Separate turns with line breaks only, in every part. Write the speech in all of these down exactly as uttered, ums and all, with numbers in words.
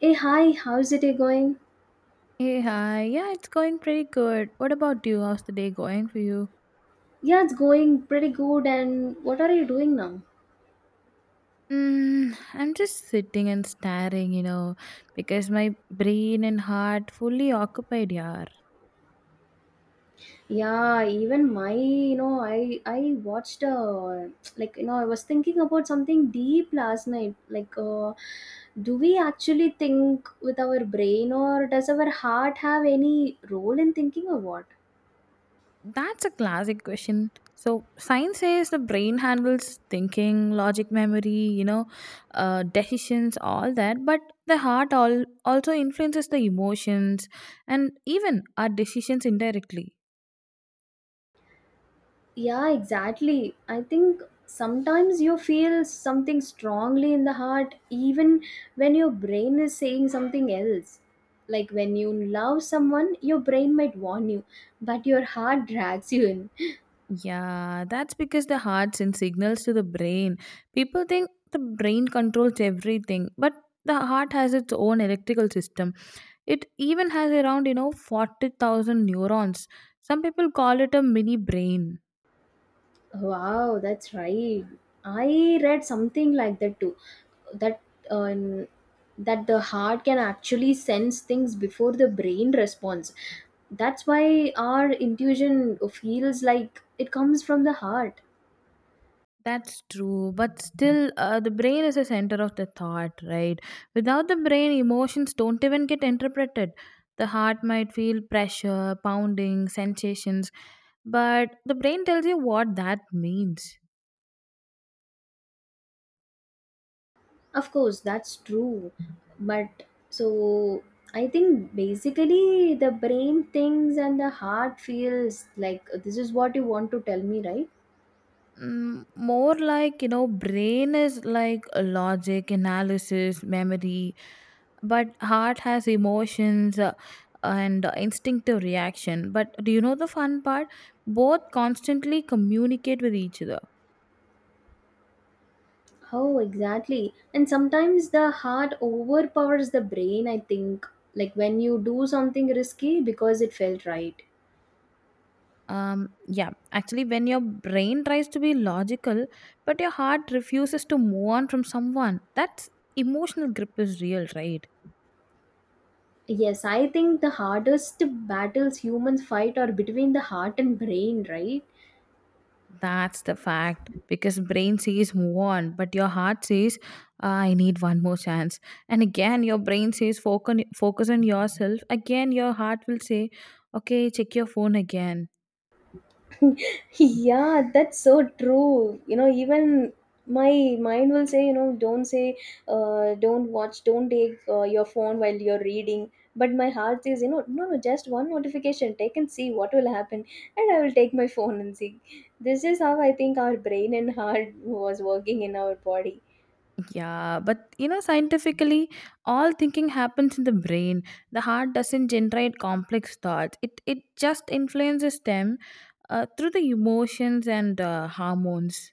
Hey, hi, how's it going?
Hey, hi. Yeah, it's going pretty good. What about you? How's the day going for you?
Yeah, it's going pretty good. And what are you doing now?
Mm, I'm just sitting and staring, you know, because my brain and heart fully occupied, yaar.
Yeah, even my, you know, I I watched uh, like you know, I was thinking about something deep last night. Like, uh, do we actually think with our brain, or does our heart have any role in thinking, or what?
That's a classic question. So, science says the brain handles thinking, logic, memory, you know, uh, decisions, all that. But the heart all also influences the emotions and even our decisions indirectly.
Yeah, exactly. I think sometimes you feel something strongly in the heart, even when your brain is saying something else. Like when you love someone, your brain might warn you, but your heart drags you in.
Yeah, that's because the heart sends signals to the brain. People think the brain controls everything, but the heart has its own electrical system. It even has around, you know, forty thousand neurons. Some people call it a mini brain.
Wow, that's right. I read something like that too. That um, that the heart can actually sense things before the brain responds. That's why our intuition feels like it comes from the heart.
That's true, but still, uh, the brain is the center of the thought, right? Without the brain, emotions don't even get interpreted. The heart might feel pressure, pounding, sensations, but the brain tells you what that means.
Of course, that's true. But so I think basically the brain thinks and the heart feels like this is what you want to tell me, right?
Mm, more like, you know, brain is like a logic, analysis, memory, but heart has emotions uh, and instinctive reaction. But do you know the fun part? Both constantly communicate with each other.
Oh, exactly. And sometimes the heart overpowers the brain, I think. Like when you do something risky because it felt right.
Um, yeah, actually, when your brain tries to be logical, but your heart refuses to move on from someone, that's emotional grip is real, right?
Yes, I think the hardest battles humans fight are between the heart and brain, right?
That's the fact because brain says move on, but your heart says, "Ah, I need one more chance. And again, your brain says focus on, focus on yourself. Again, your heart will say, okay, check your phone again."
Yeah, that's so true. You know, even my mind will say, you know don't say uh, don't watch, don't take uh, your phone while you're reading, but my heart says, you know no no just one notification, take and see what will happen. And I will take my phone and see. This is how I think our brain and heart was working in our body.
Yeah, but you know, scientifically, all thinking happens in the brain. The heart doesn't generate complex thoughts. It it just influences them uh, through the emotions and uh, hormones.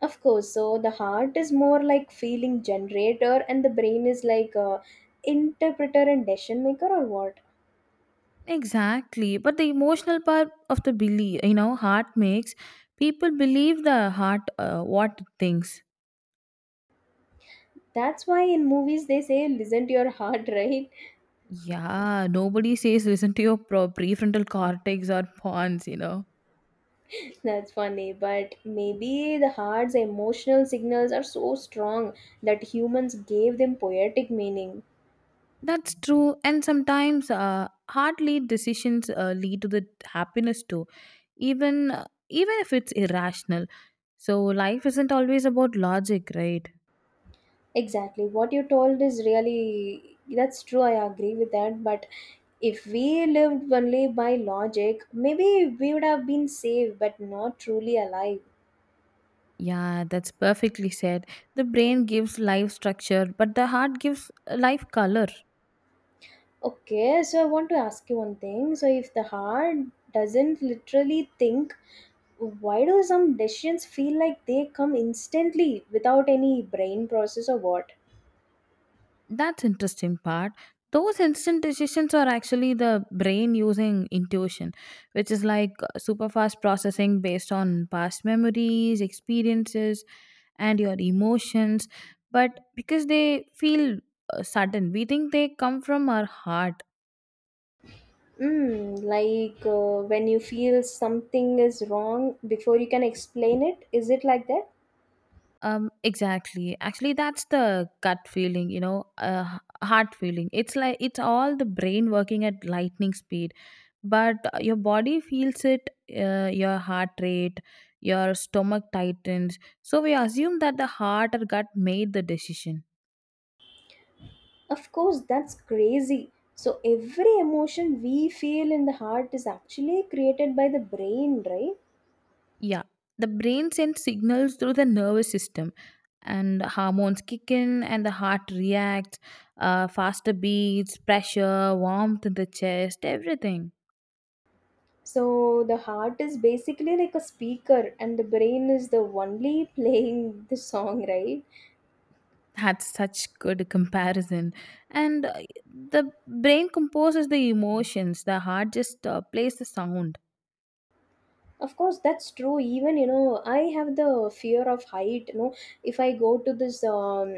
Of course. So the heart is more like feeling generator, and the brain is like uh interpreter and decision maker, or what?
Exactly. But the emotional part of the belief, you know, heart makes people believe the heart uh, what it thinks.
That's why in movies they say listen to your heart, right?
Yeah, nobody says listen to your pro- prefrontal cortex or pons, you know.
That's funny, but maybe the heart's emotional signals are so strong that humans gave them poetic meaning.
That's true. And sometimes uh, heart lead decisions uh, lead to the happiness too, even uh, even if it's irrational. So life isn't always about logic, right?
Exactly. What you told is really that's true. I agree with that, but if we lived only by logic, maybe we would have been safe but not truly alive.
Yeah, that's perfectly said. The brain gives life structure, but the heart gives uh, life color.
Okay, so I want to ask you one thing. So if the heart doesn't literally think, why do some decisions feel like they come instantly without any brain process, or what?
That's interesting part. Those instant decisions are actually the brain using intuition, which is like uh, super fast processing based on past memories, experiences, and your emotions. But because they feel uh, sudden, we think they come from our heart.
Mm, like uh, when you feel something is wrong before you can explain it, is it like that?
Um, exactly. Actually, that's the gut feeling, you know, uh, h- heart feeling. It's like it's all the brain working at lightning speed, but uh, your body feels it, uh, your heart rate, your stomach tightens. So we assume that the heart or gut made the decision.
Of course, that's crazy. So, every emotion we feel in the heart is actually created by the brain, right?
Yeah, the brain sends signals through the nervous system, and hormones kick in, and the heart reacts, uh, faster beats, pressure, warmth in the chest, everything.
So, the heart is basically like a speaker, and the brain is the only playing the song, right?
That's such good comparison. And uh, The brain composes the emotions, the heart just uh, plays the sound.
Of course, that's true. Even you know I have the fear of height. You know if I go to this um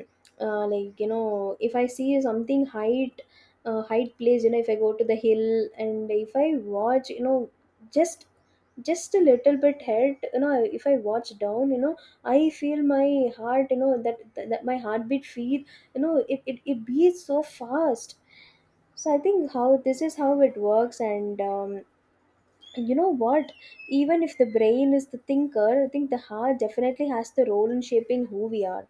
uh, like you know if I see something height, uh, height place, you know if I go to the hill and if I watch, you know just just a little bit head, you know if I watch down, you know I feel my heart. You know, that that, that my heartbeat feel, you know it, it it beats so fast. So I think how this is how it works. And um you know what, even if the brain is the thinker, I think the heart definitely has the role in shaping who we are.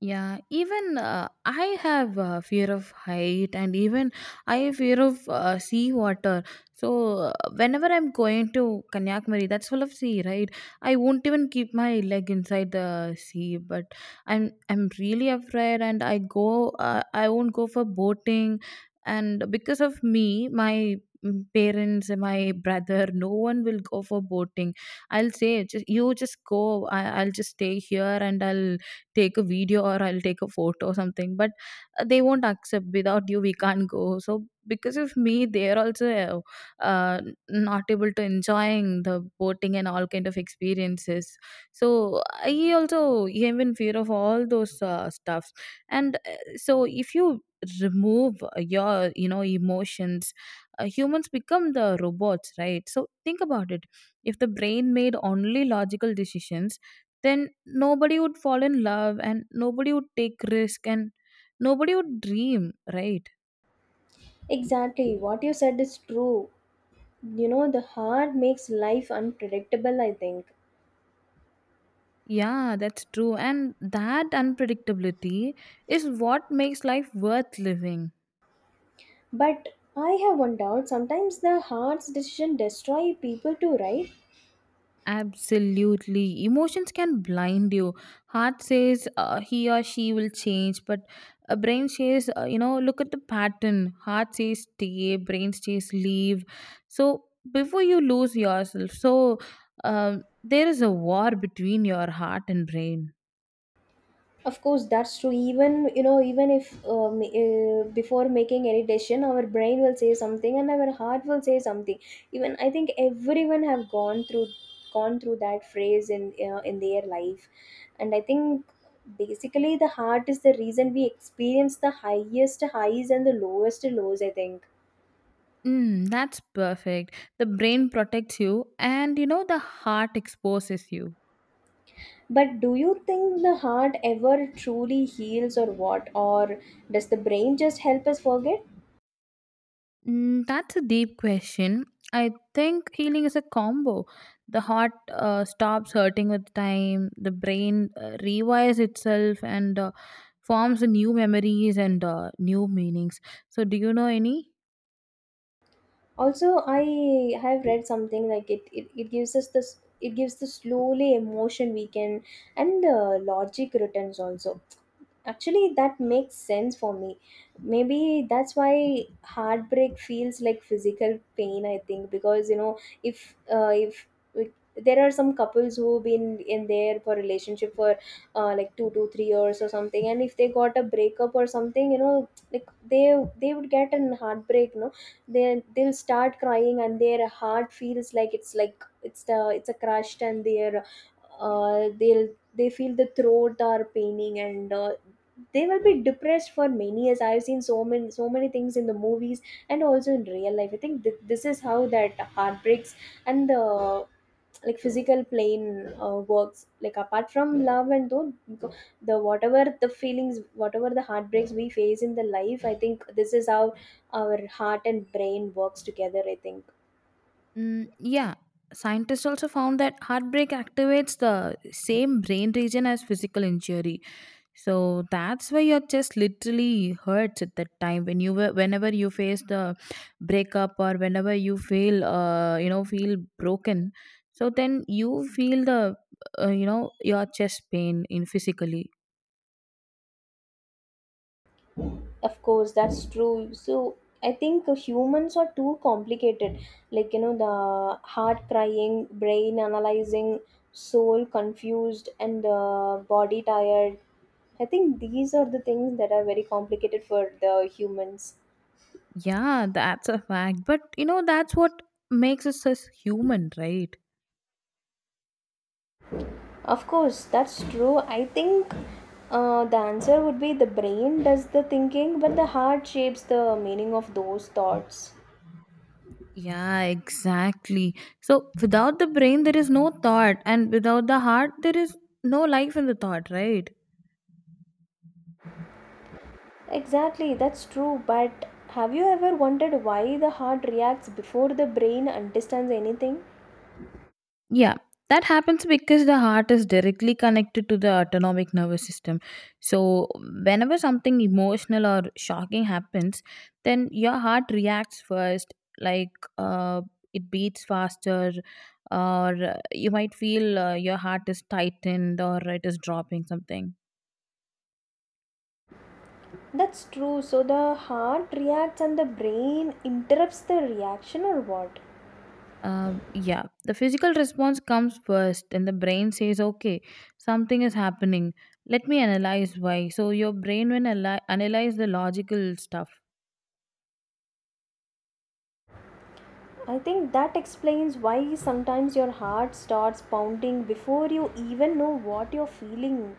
Yeah, even uh, I have uh, fear of height, and even I have fear of uh, sea water. So uh, whenever I'm going to Kanyakumari, that's full of sea, right? I won't even keep my leg inside the sea, but I'm I'm really afraid, and I go uh, I won't go for boating, and because of me, my mm, parents and my brother no one will go for boating. I'll say, "Just, you just go. I, I'll just stay here and I'll take a video or I'll take a photo or something." But uh, they won't accept. Without you, we can't go. So because of me, they're also uh, uh, not able to enjoying the boating and all kind of experiences. So I also am in fear of all those uh, stuffs. And uh, so if you remove your, you know, emotions, uh, humans become the robots, right? So think about it. If the brain made only logical decisions, then nobody would fall in love, and nobody would take risk, and nobody would dream, right?
Exactly, what you said is true. You know, the heart makes life unpredictable, I think.
Yeah, that's true. And that unpredictability is what makes life worth living.
But I have one doubt. Sometimes the heart's decision destroy people too, right?
Absolutely. Emotions can blind you. Heart says uh, he or she will change, but a brain says, uh, you know, look at the pattern. Heart says stay, brain says leave. So before you lose yourself, so um, there is a war between your heart and brain.
Of course, that's true. Even you know, even if um, uh, before making any decision, our brain will say something and our heart will say something. Even I think everyone have gone through gone through that phrase in uh, in their life, and I think basically the heart is the reason we experience the highest highs and the lowest lows, I think.
Mm, that's perfect. The brain protects you, and you know, the heart exposes you.
But do you think the heart ever truly heals or what, or does the brain just help us forget?
Mm, that's a deep question. I think healing is a combo. The heart uh, stops hurting with time, the brain uh, rewires itself and uh, forms new memories and uh, new meanings. So, do you know any?
Also, I have read something like it it, it gives us this, it gives the slowly emotion we can, and the logic returns also. Actually, that makes sense for me. Maybe that's why heartbreak feels like physical pain, I think. Because you know if uh, if there are some couples who've been in there for relationship for uh, like two to three years or something, and if they got a breakup or something, you know, like they they would get an heartbreak, no? They they'll start crying and their heart feels like it's like it's the it's a crushed, and their uh, they'll they feel the throat are paining, and uh, they will be depressed for many years. I've seen so many so many things in the movies and also in real life. I think th- this is how that heartbreaks and the like physical plane uh, works, like apart from love, and though the whatever the feelings, whatever the heartbreaks we face in the life, I think this is how our heart and brain works together, I think.
Mm, yeah, scientists also found that heartbreak activates the same brain region as physical injury. So that's why your chest literally hurts at that time when you were, whenever you face the breakup or whenever you feel, uh, you know, feel broken. So then you feel the uh, you know, your chest pain in physically.
Of course, that's true. So I think uh, humans are too complicated. Like, you know, the heart crying, brain analyzing, soul confused, and uh, body tired. I think these are the things that are very complicated for the humans.
Yeah, that's a fact. But you know that's what makes us as human, right?
Of course, that's true. I think uh, the answer would be the brain does the thinking, but the heart shapes the meaning of those thoughts.
Yeah, exactly. So without the brain, there is no thought, and without the heart, there is no life in the thought, right?
Exactly, that's true. But have you ever wondered why the heart reacts before the brain understands anything?
Yeah, that happens because the heart is directly connected to the autonomic nervous system. So whenever something emotional or shocking happens, then your heart reacts first, like uh, it beats faster, or uh, you might feel uh, your heart is tightened or it is dropping something.
That's true. So the heart reacts and the brain interrupts the reaction, or what?
Um, yeah, the physical response comes first, and the brain says, "Okay, something is happening. Let me analyze why." So your brain will ali- analyze the logical stuff.
I think that explains why sometimes your heart starts pounding before you even know what you're feeling.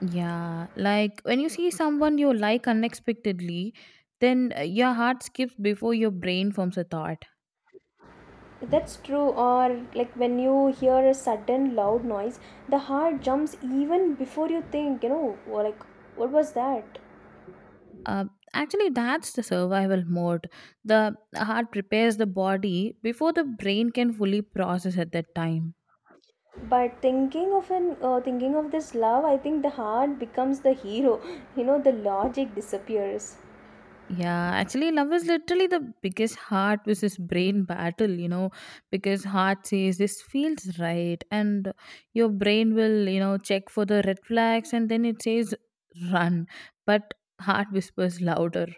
Yeah, like when you see someone you like unexpectedly, then uh, your heart skips before your brain forms a thought.
That's true, or like when you hear a sudden loud noise, the heart jumps even before you think, you know, or like, what was that?
Uh, actually, that's the survival mode. The heart prepares the body before the brain can fully process at that time.
but thinking of an uh, thinking of this love, I think the heart becomes the hero. You know, the logic disappears.
Yeah, actually, love is literally the biggest heart versus brain battle, you know, because heart says this feels right, and your brain will, you know, check for the red flags and then it says run, but heart whispers louder.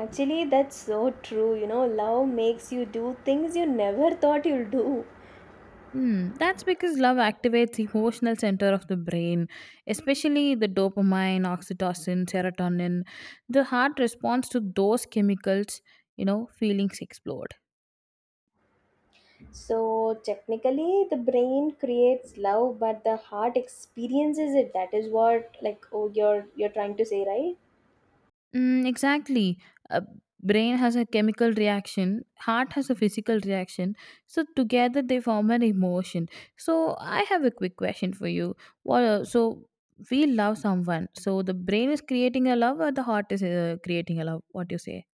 Actually, that's so true. You know, love makes you do things you never thought you'll do.
Hmm, that's because love activates the emotional center of the brain, especially the dopamine, oxytocin, serotonin. The heart responds to those chemicals, you know, feelings explode.
So technically the brain creates love, but the heart experiences it. That is what, like, oh, you're you're trying to say, right?
Mm, exactly. Uh, brain has a chemical reaction, heart has a physical reaction. So together they form an emotion. So I have a quick question for you. What? Uh, so we love someone. So the brain is creating a love, or the heart is uh, creating a love. What do you say?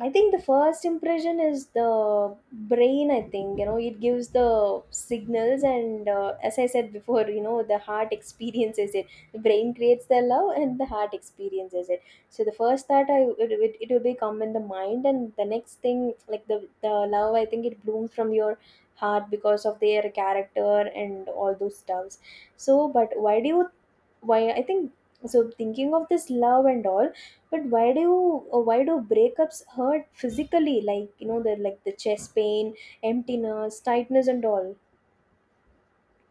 I think the first impression is the brain. I think you know it gives the signals, and uh, as I said before, you know the heart experiences it. The brain creates the love, and the heart experiences it. So the first thought, I it, it, it will be come in the mind, and the next thing, like the the love, I think it blooms from your heart because of their character and all those stuffs. So, but why do you why I think so thinking of this love and all, but why do you, uh, why do breakups hurt physically, like, you know, they're like the chest pain, emptiness, tightness and all?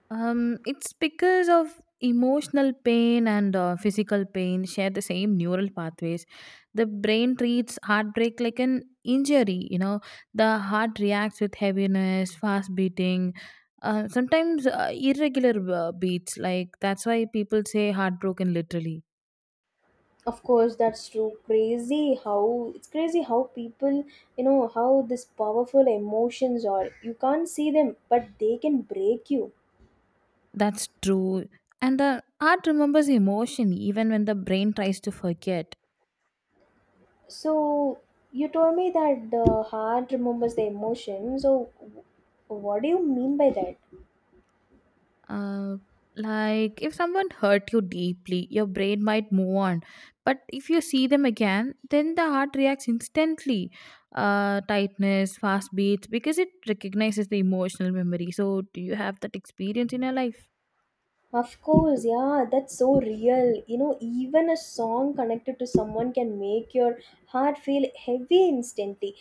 Um, it's because of emotional pain and uh, physical pain share the same neural pathways. The brain treats heartbreak like an injury. You know, the heart reacts with heaviness, fast beating, uh, sometimes uh, irregular uh, beats. Like that's why people say heartbroken literally.
Of course, that's true. Crazy how It's crazy how people, you know, how this powerful emotions are. You can't see them, but they can break you.
That's true. And the heart remembers emotion even when the brain tries to forget.
So you told me that the heart remembers the emotion. So w- what do you mean by that?
Uh, like if someone hurt you deeply, your brain might move on, but if you see them again, then the heart reacts instantly. Uh, tightness, fast beats, because it recognizes the emotional memory. So, do you have that experience in your life?
Of course, yeah, that's so real. You know, even a song connected to someone can make your heart feel heavy instantly.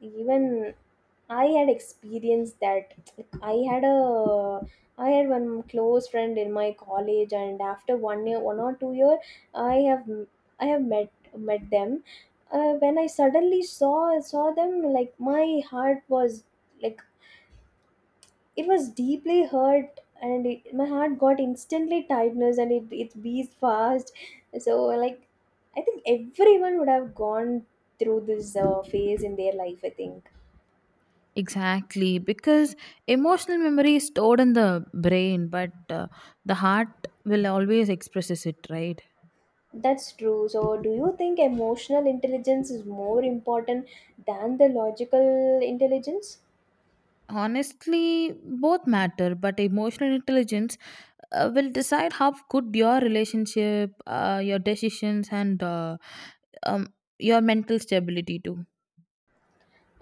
Even I had experienced that. Like, I had a I had one close friend in my college, and after one year, one or two year, I have I have met met them. Uh, when I suddenly saw saw them, like my heart was like it was deeply hurt, and it, my heart got instantly tightness, and it, it beats fast. So, like, I think everyone would have gone through this uh, phase in their life, I think.
Exactly, because emotional memory is stored in the brain, but uh, the heart will always expresses it, right?
That's true. So do you think emotional intelligence is more important than the logical intelligence?
Honestly, both matter, but emotional intelligence uh, will decide how good your relationship, uh, your decisions, and uh, um, your mental stability too.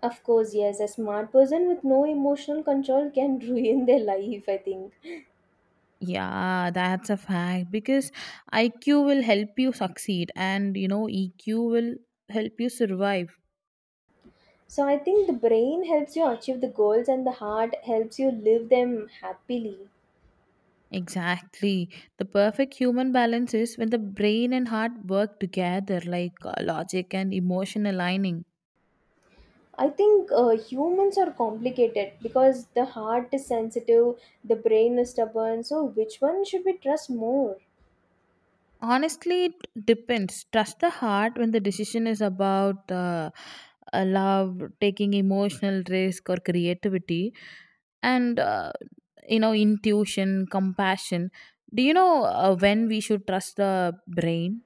Of course, yes. A smart person with no emotional control can ruin their life, I think.
Yeah, that's a fact because I Q will help you succeed, and you know, E Q will help you survive.
So I think the brain helps you achieve the goals and the heart helps you live them happily.
Exactly. The perfect human balance is when the brain and heart work together, like uh, logic and emotion aligning.
I think uh, humans are complicated because the heart is sensitive, the brain is stubborn. So, which one should we trust more?
Honestly, it depends. Trust the heart when the decision is about uh, uh, love, taking emotional risk, or creativity, and uh, you know, intuition, compassion. Do you know uh, when we should trust the brain?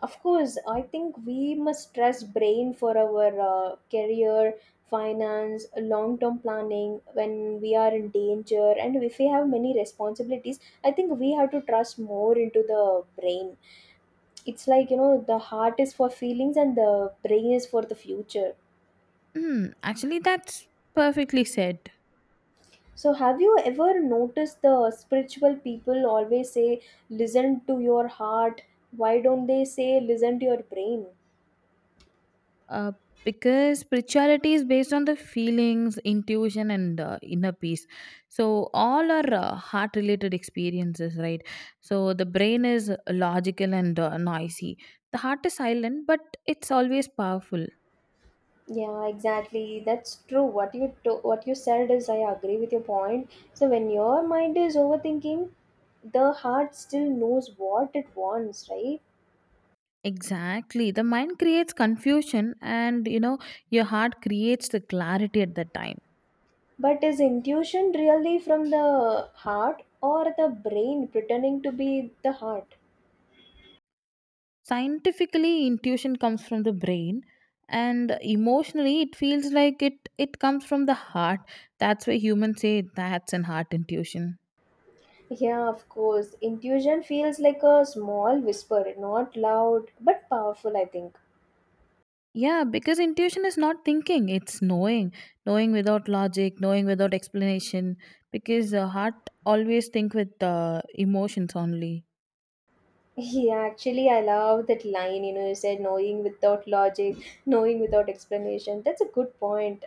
Of course, I think we must trust brain for our uh, career, finance, long-term planning, when we are in danger and if we have many responsibilities, I think we have to trust more into the brain. It's like, you know, the heart is for feelings and the brain is for the future.
Hmm, actually, that's perfectly said.
So, have you ever noticed the spiritual people always say, listen to your heart? Why don't they say, listen to your brain?
uh, because spirituality is based on the feelings, intuition, and uh, inner peace, so all are uh, heart related experiences, right? So the brain is logical and uh, noisy. The heart is silent, but it's always powerful.
Yeah, exactly. That's true. What you to- what you said is, I agree with your point. So when your mind is overthinking, the heart still knows what it wants, right?
Exactly, the mind creates confusion, and you know, your heart creates the clarity at that time.
But is intuition really from the heart or the brain pretending to be the heart?
Scientifically, intuition comes from the brain, and emotionally it feels like it it comes from the heart. That's why humans say that's an heart intuition.
Yeah, of course. Intuition feels like a small whisper, not loud but powerful, I think.
Yeah, because intuition is not thinking, it's knowing. Knowing without logic, knowing without explanation, because the heart always think with uh, emotions only.
Yeah, actually, I love that line. You know, you said knowing without logic, knowing without explanation. That's a good point.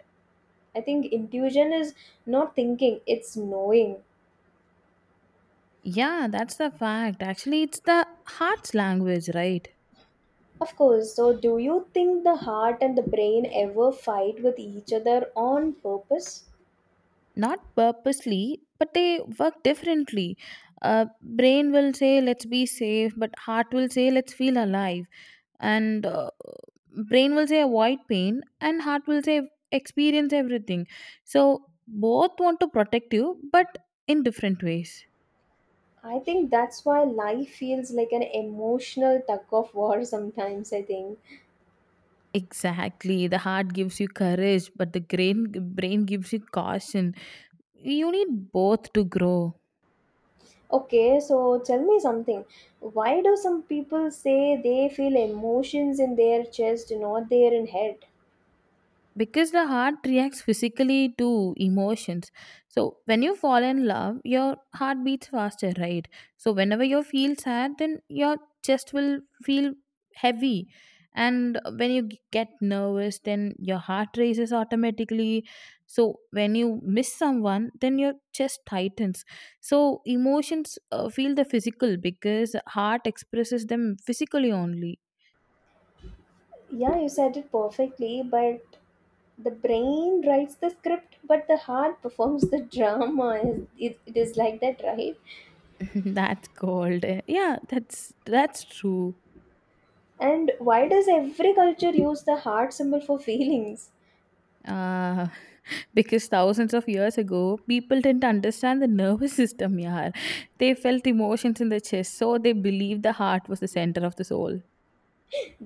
I think intuition is not thinking, it's knowing.
Yeah, that's the fact, actually. It's the heart's language, right?
Of course. So, do you think the heart and the brain ever fight with each other on purpose?
Not purposely, but they work differently. Uh, brain will say let's be safe, but heart will say let's feel alive. And uh, brain will say avoid pain and heart will say experience everything. So both want to protect you, but in different ways.
I think that's why life feels like an emotional tug of war sometimes, I think.
Exactly, the heart gives you courage, but the brain brain gives you caution. You need both to grow.
Okay, so tell me something. Why do some people say they feel emotions in their chest, not there in head?
Because the heart reacts physically to emotions. So when you fall in love, your heart beats faster, right? So whenever you feel sad, then your chest will feel heavy. And when you g- get nervous, then your heart races automatically. So when you miss someone, then your chest tightens. So emotions uh, feel the physical because heart expresses them physically only.
Yeah, you said it perfectly, but the brain writes the script, but the heart performs the drama. It, it is like that, right?
That's cold. Yeah, that's that's true.
And why does every culture use the heart symbol for feelings?
Uh, because thousands of years ago, people didn't understand the nervous system, yeah. They felt emotions in the chest, so they believed the heart was the center of the soul.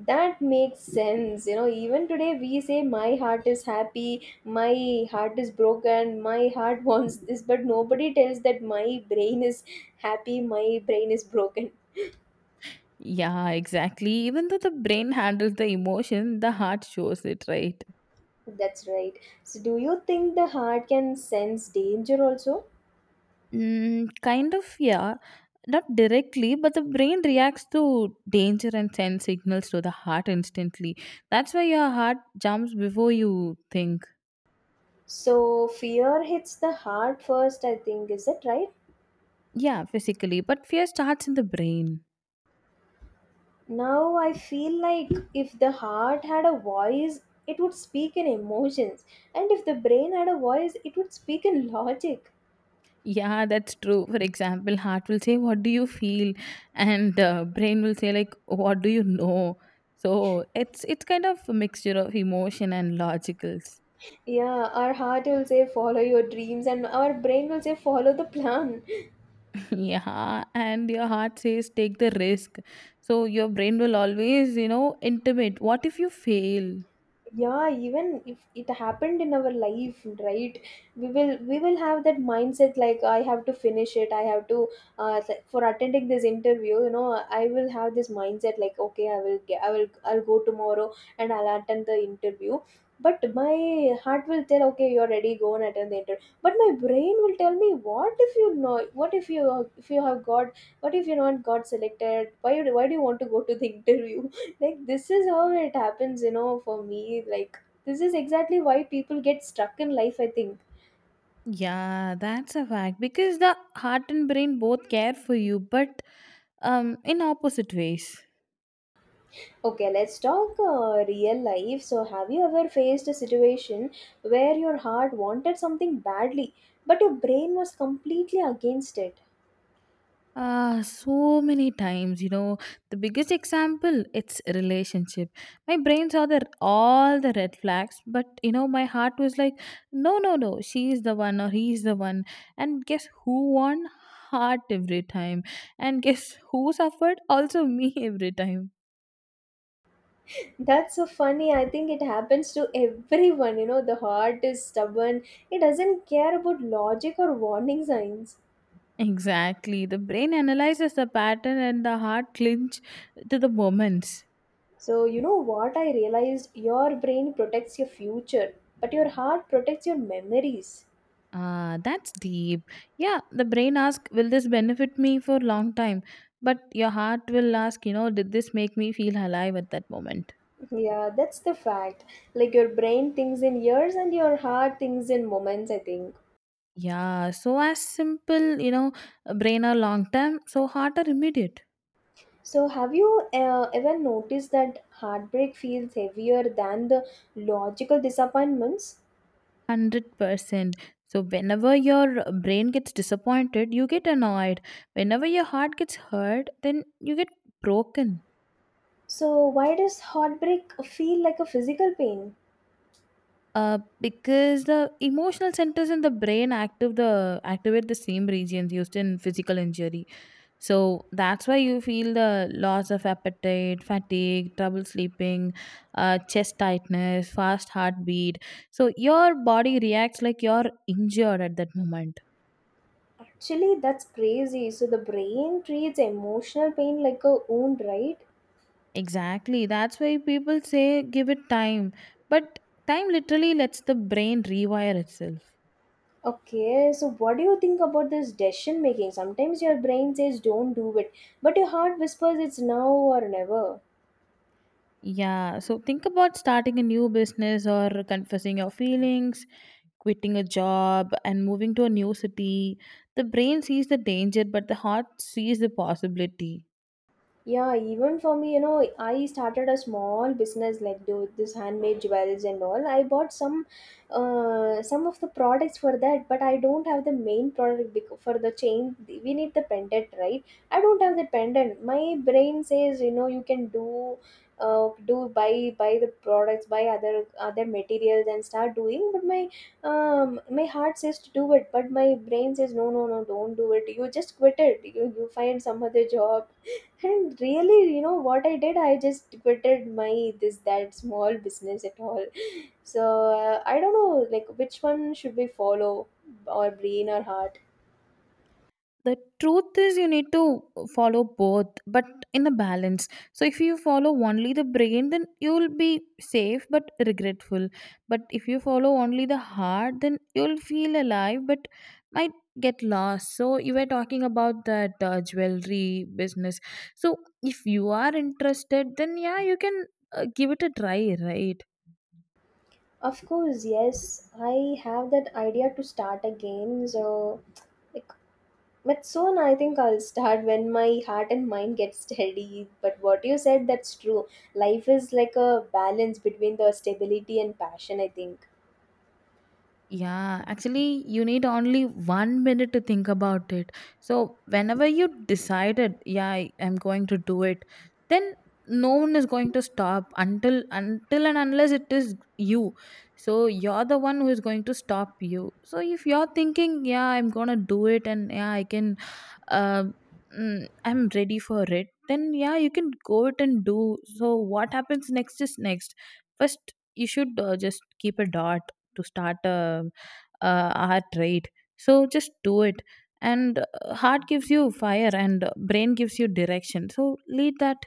That makes sense. You know, even today we say, my heart is happy, my heart is broken, my heart wants this, but nobody tells that my brain is happy, my brain is broken.
Yeah, exactly. Even though the brain handles the emotion, the heart shows it, right?
That's right. So, do you think the heart can sense danger also?
Mm, kind of, yeah. Not directly, but the brain reacts to danger and sends signals to the heart instantly. That's why your heart jumps before you think.
So, fear hits the heart first, I think. Is that right?
Yeah, physically, but fear starts in the brain.
Now, I feel like if the heart had a voice, it would speak in emotions, and if the brain had a voice, it would speak in logic.
Yeah, that's true. For example, heart will say, "What do you feel?" And uh, brain will say, "Like, what do you know?" So it's it's kind of a mixture of emotion and logicals.
Yeah, our heart will say follow your dreams and our brain will say follow the plan.
Yeah, and your heart says, "Take the risk." So your brain will always, you know, intimate. What if you fail?
Yeah, even if it happened in our life, right? We will we will have that mindset, like I have to finish it, I have to uh, th- for attending this interview, you know, I will have this mindset, like okay, i will get i will I'll go tomorrow and I'll attend the interview. But my heart will tell, okay, you're ready, go and attend the interview. But my brain will tell me, what if, you know, what if you, if you have got, what if you not got selected, why you- why do you want to go to the interview? Like, this is how it happens, you know, for me. Like, this is exactly why people get stuck in life, I think.
Yeah, that's a fact because the heart and brain both care for you, but um, in opposite ways.
Okay, let's talk uh, real life. So have you ever faced a situation where your heart wanted something badly but your brain was completely against it?
Ah, so many times, you know, the biggest example, it's a relationship. My brain saw the all the red flags, but you know, my heart was like, no, no, no, she is the one or he is the one. And guess who won? Heart every time. And guess who suffered? Also me every time.
That's so funny. I think it happens to everyone. You know, the heart is stubborn, it doesn't care about logic or warning signs.
Exactly. The brain analyzes the pattern and the heart clinch to the moments.
So, you know what I realized? Your brain protects your future, but your heart protects your memories.
Ah, that's deep. Yeah, the brain asks, will this benefit me for long time? But your heart will ask, you know, did this make me feel alive at that moment?
Yeah, that's the fact. Like, your brain thinks in years and your heart thinks in moments, I think.
Yeah, so as simple, you know, brain are long term, so heart are immediate.
So, have you uh, ever noticed that heartbreak feels heavier than the logical disappointments?
one hundred percent. So whenever your brain gets disappointed, you get annoyed. Whenever your heart gets hurt, then you get broken.
So, why does heartbreak feel like a physical pain?
Uh, because the emotional centers in the brain active the activate the same regions used in physical injury. So that's why you feel the loss of appetite, fatigue, trouble sleeping, uh, chest tightness, fast heartbeat. So your body reacts like you're injured at that moment.
Actually, that's crazy. So, the brain treats emotional pain like a wound, right?
Exactly. That's why people say give it time. But time literally lets the brain rewire itself.
Okay, so what do you think about this decision making? Sometimes your brain says don't do it, but your heart whispers it's now or never.
Yeah. So think about starting a new business or confessing your feelings, quitting a job and moving to a new city. The brain sees the danger, but the heart sees the possibility.
Yeah, even for me, you know, I started a small business, like do this handmade jewels and all. I bought some, uh, some of the products for that, but I don't have the main product bec- for the chain. We need the pendant, right? I don't have the pendant. My brain says, you know, you can do uh, do buy, buy the products, buy other other materials and start doing. But my um my heart says to do it, but my brain says no, no, no, don't do it, you just quit it, you, you find some other job. And really, you know what I did? I just quitted my this that small business at all. So uh, I don't know, like, which one should we follow, our brain or heart?
The truth is, you need to follow both, but in a balance. So if you follow only the brain, then you will be safe but regretful. But if you follow only the heart, then you'll feel alive but might get lost. So, you were talking about that uh, jewelry business. So, if you are interested, then yeah, you can uh, give it a try, right?
Of course, yes, I have that idea to start again. So, like, but soon I think I'll start when my heart and mind get steady. But what you said, that's true. Life is like a balance between the stability and passion, I think.
Yeah, actually, you need only one minute to think about it. So, whenever you decided, yeah, I am going to do it, then no one is going to stop until until and unless it is you. So you're the one who is going to stop you. So if you're thinking, yeah, I'm gonna do it, and yeah, I can uh, mm, I'm ready for it, then yeah, you can go it and do. So what happens next is next. First you should uh, just keep a dot to start a, a art, right? So just do it. And uh, heart gives you fire and uh, brain gives you direction, so lead that.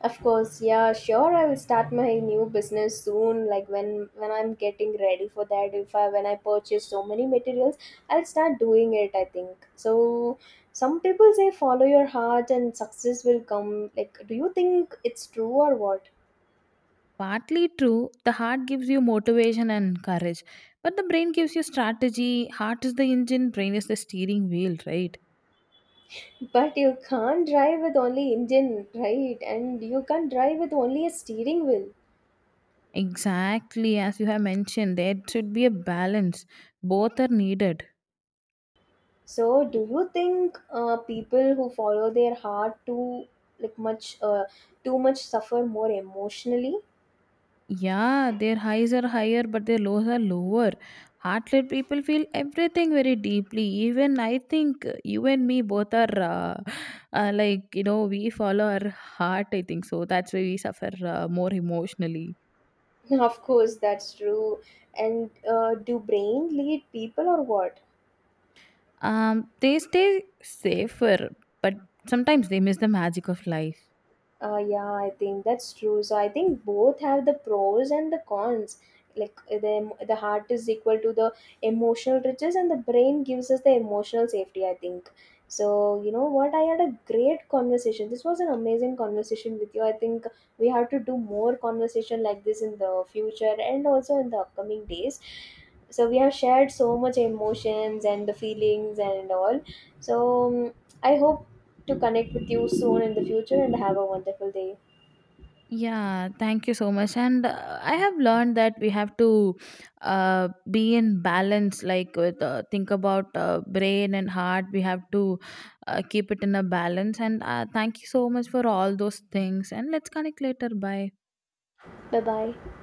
Of course, yeah, sure, I will start my new business soon, like when when I'm getting ready for that, if I when I purchase so many materials, I'll start doing it, I think. So some people say follow your heart and success will come. Like, do you think it's true or what?
Partly true. The heart gives you motivation and courage, but the brain gives you strategy. Heart is the engine, brain is the steering wheel, right?
But you can't drive with only engine, right? And you can't drive with only a steering wheel.
Exactly, as you have mentioned, there should be a balance. Both are needed.
So, do you think uh, people who follow their heart too like much uh, too much suffer more emotionally?
Yeah, their highs are higher, but their lows are lower. Heartlet people feel everything very deeply. Even I think uh, you and me both are uh, uh, like, you know, we follow our heart, I think so. That's why we suffer uh, more emotionally.
Of course, that's true. And uh, do brain lead people or what?
Um, they stay safer, but sometimes they miss the magic of life.
Uh, yeah, I think that's true. So I think both have the pros and the cons. Like uh, the em- the heart is equal to the emotional riches, and the brain gives us the emotional safety, I think. So you know what? I had a great conversation. This was an amazing conversation with you. I think we have to do more conversation like this in the future and also in the upcoming days. So we have shared so much emotions and the feelings and all. So, um, I hope to connect with you soon in the future and have a wonderful day.
Yeah, thank you so much. And uh, I have learned that we have to uh, be in balance, like with uh, think about uh, brain and heart. We have to uh, keep it in a balance. And uh, thank you so much for all those things. And let's connect later. Bye.
Bye bye.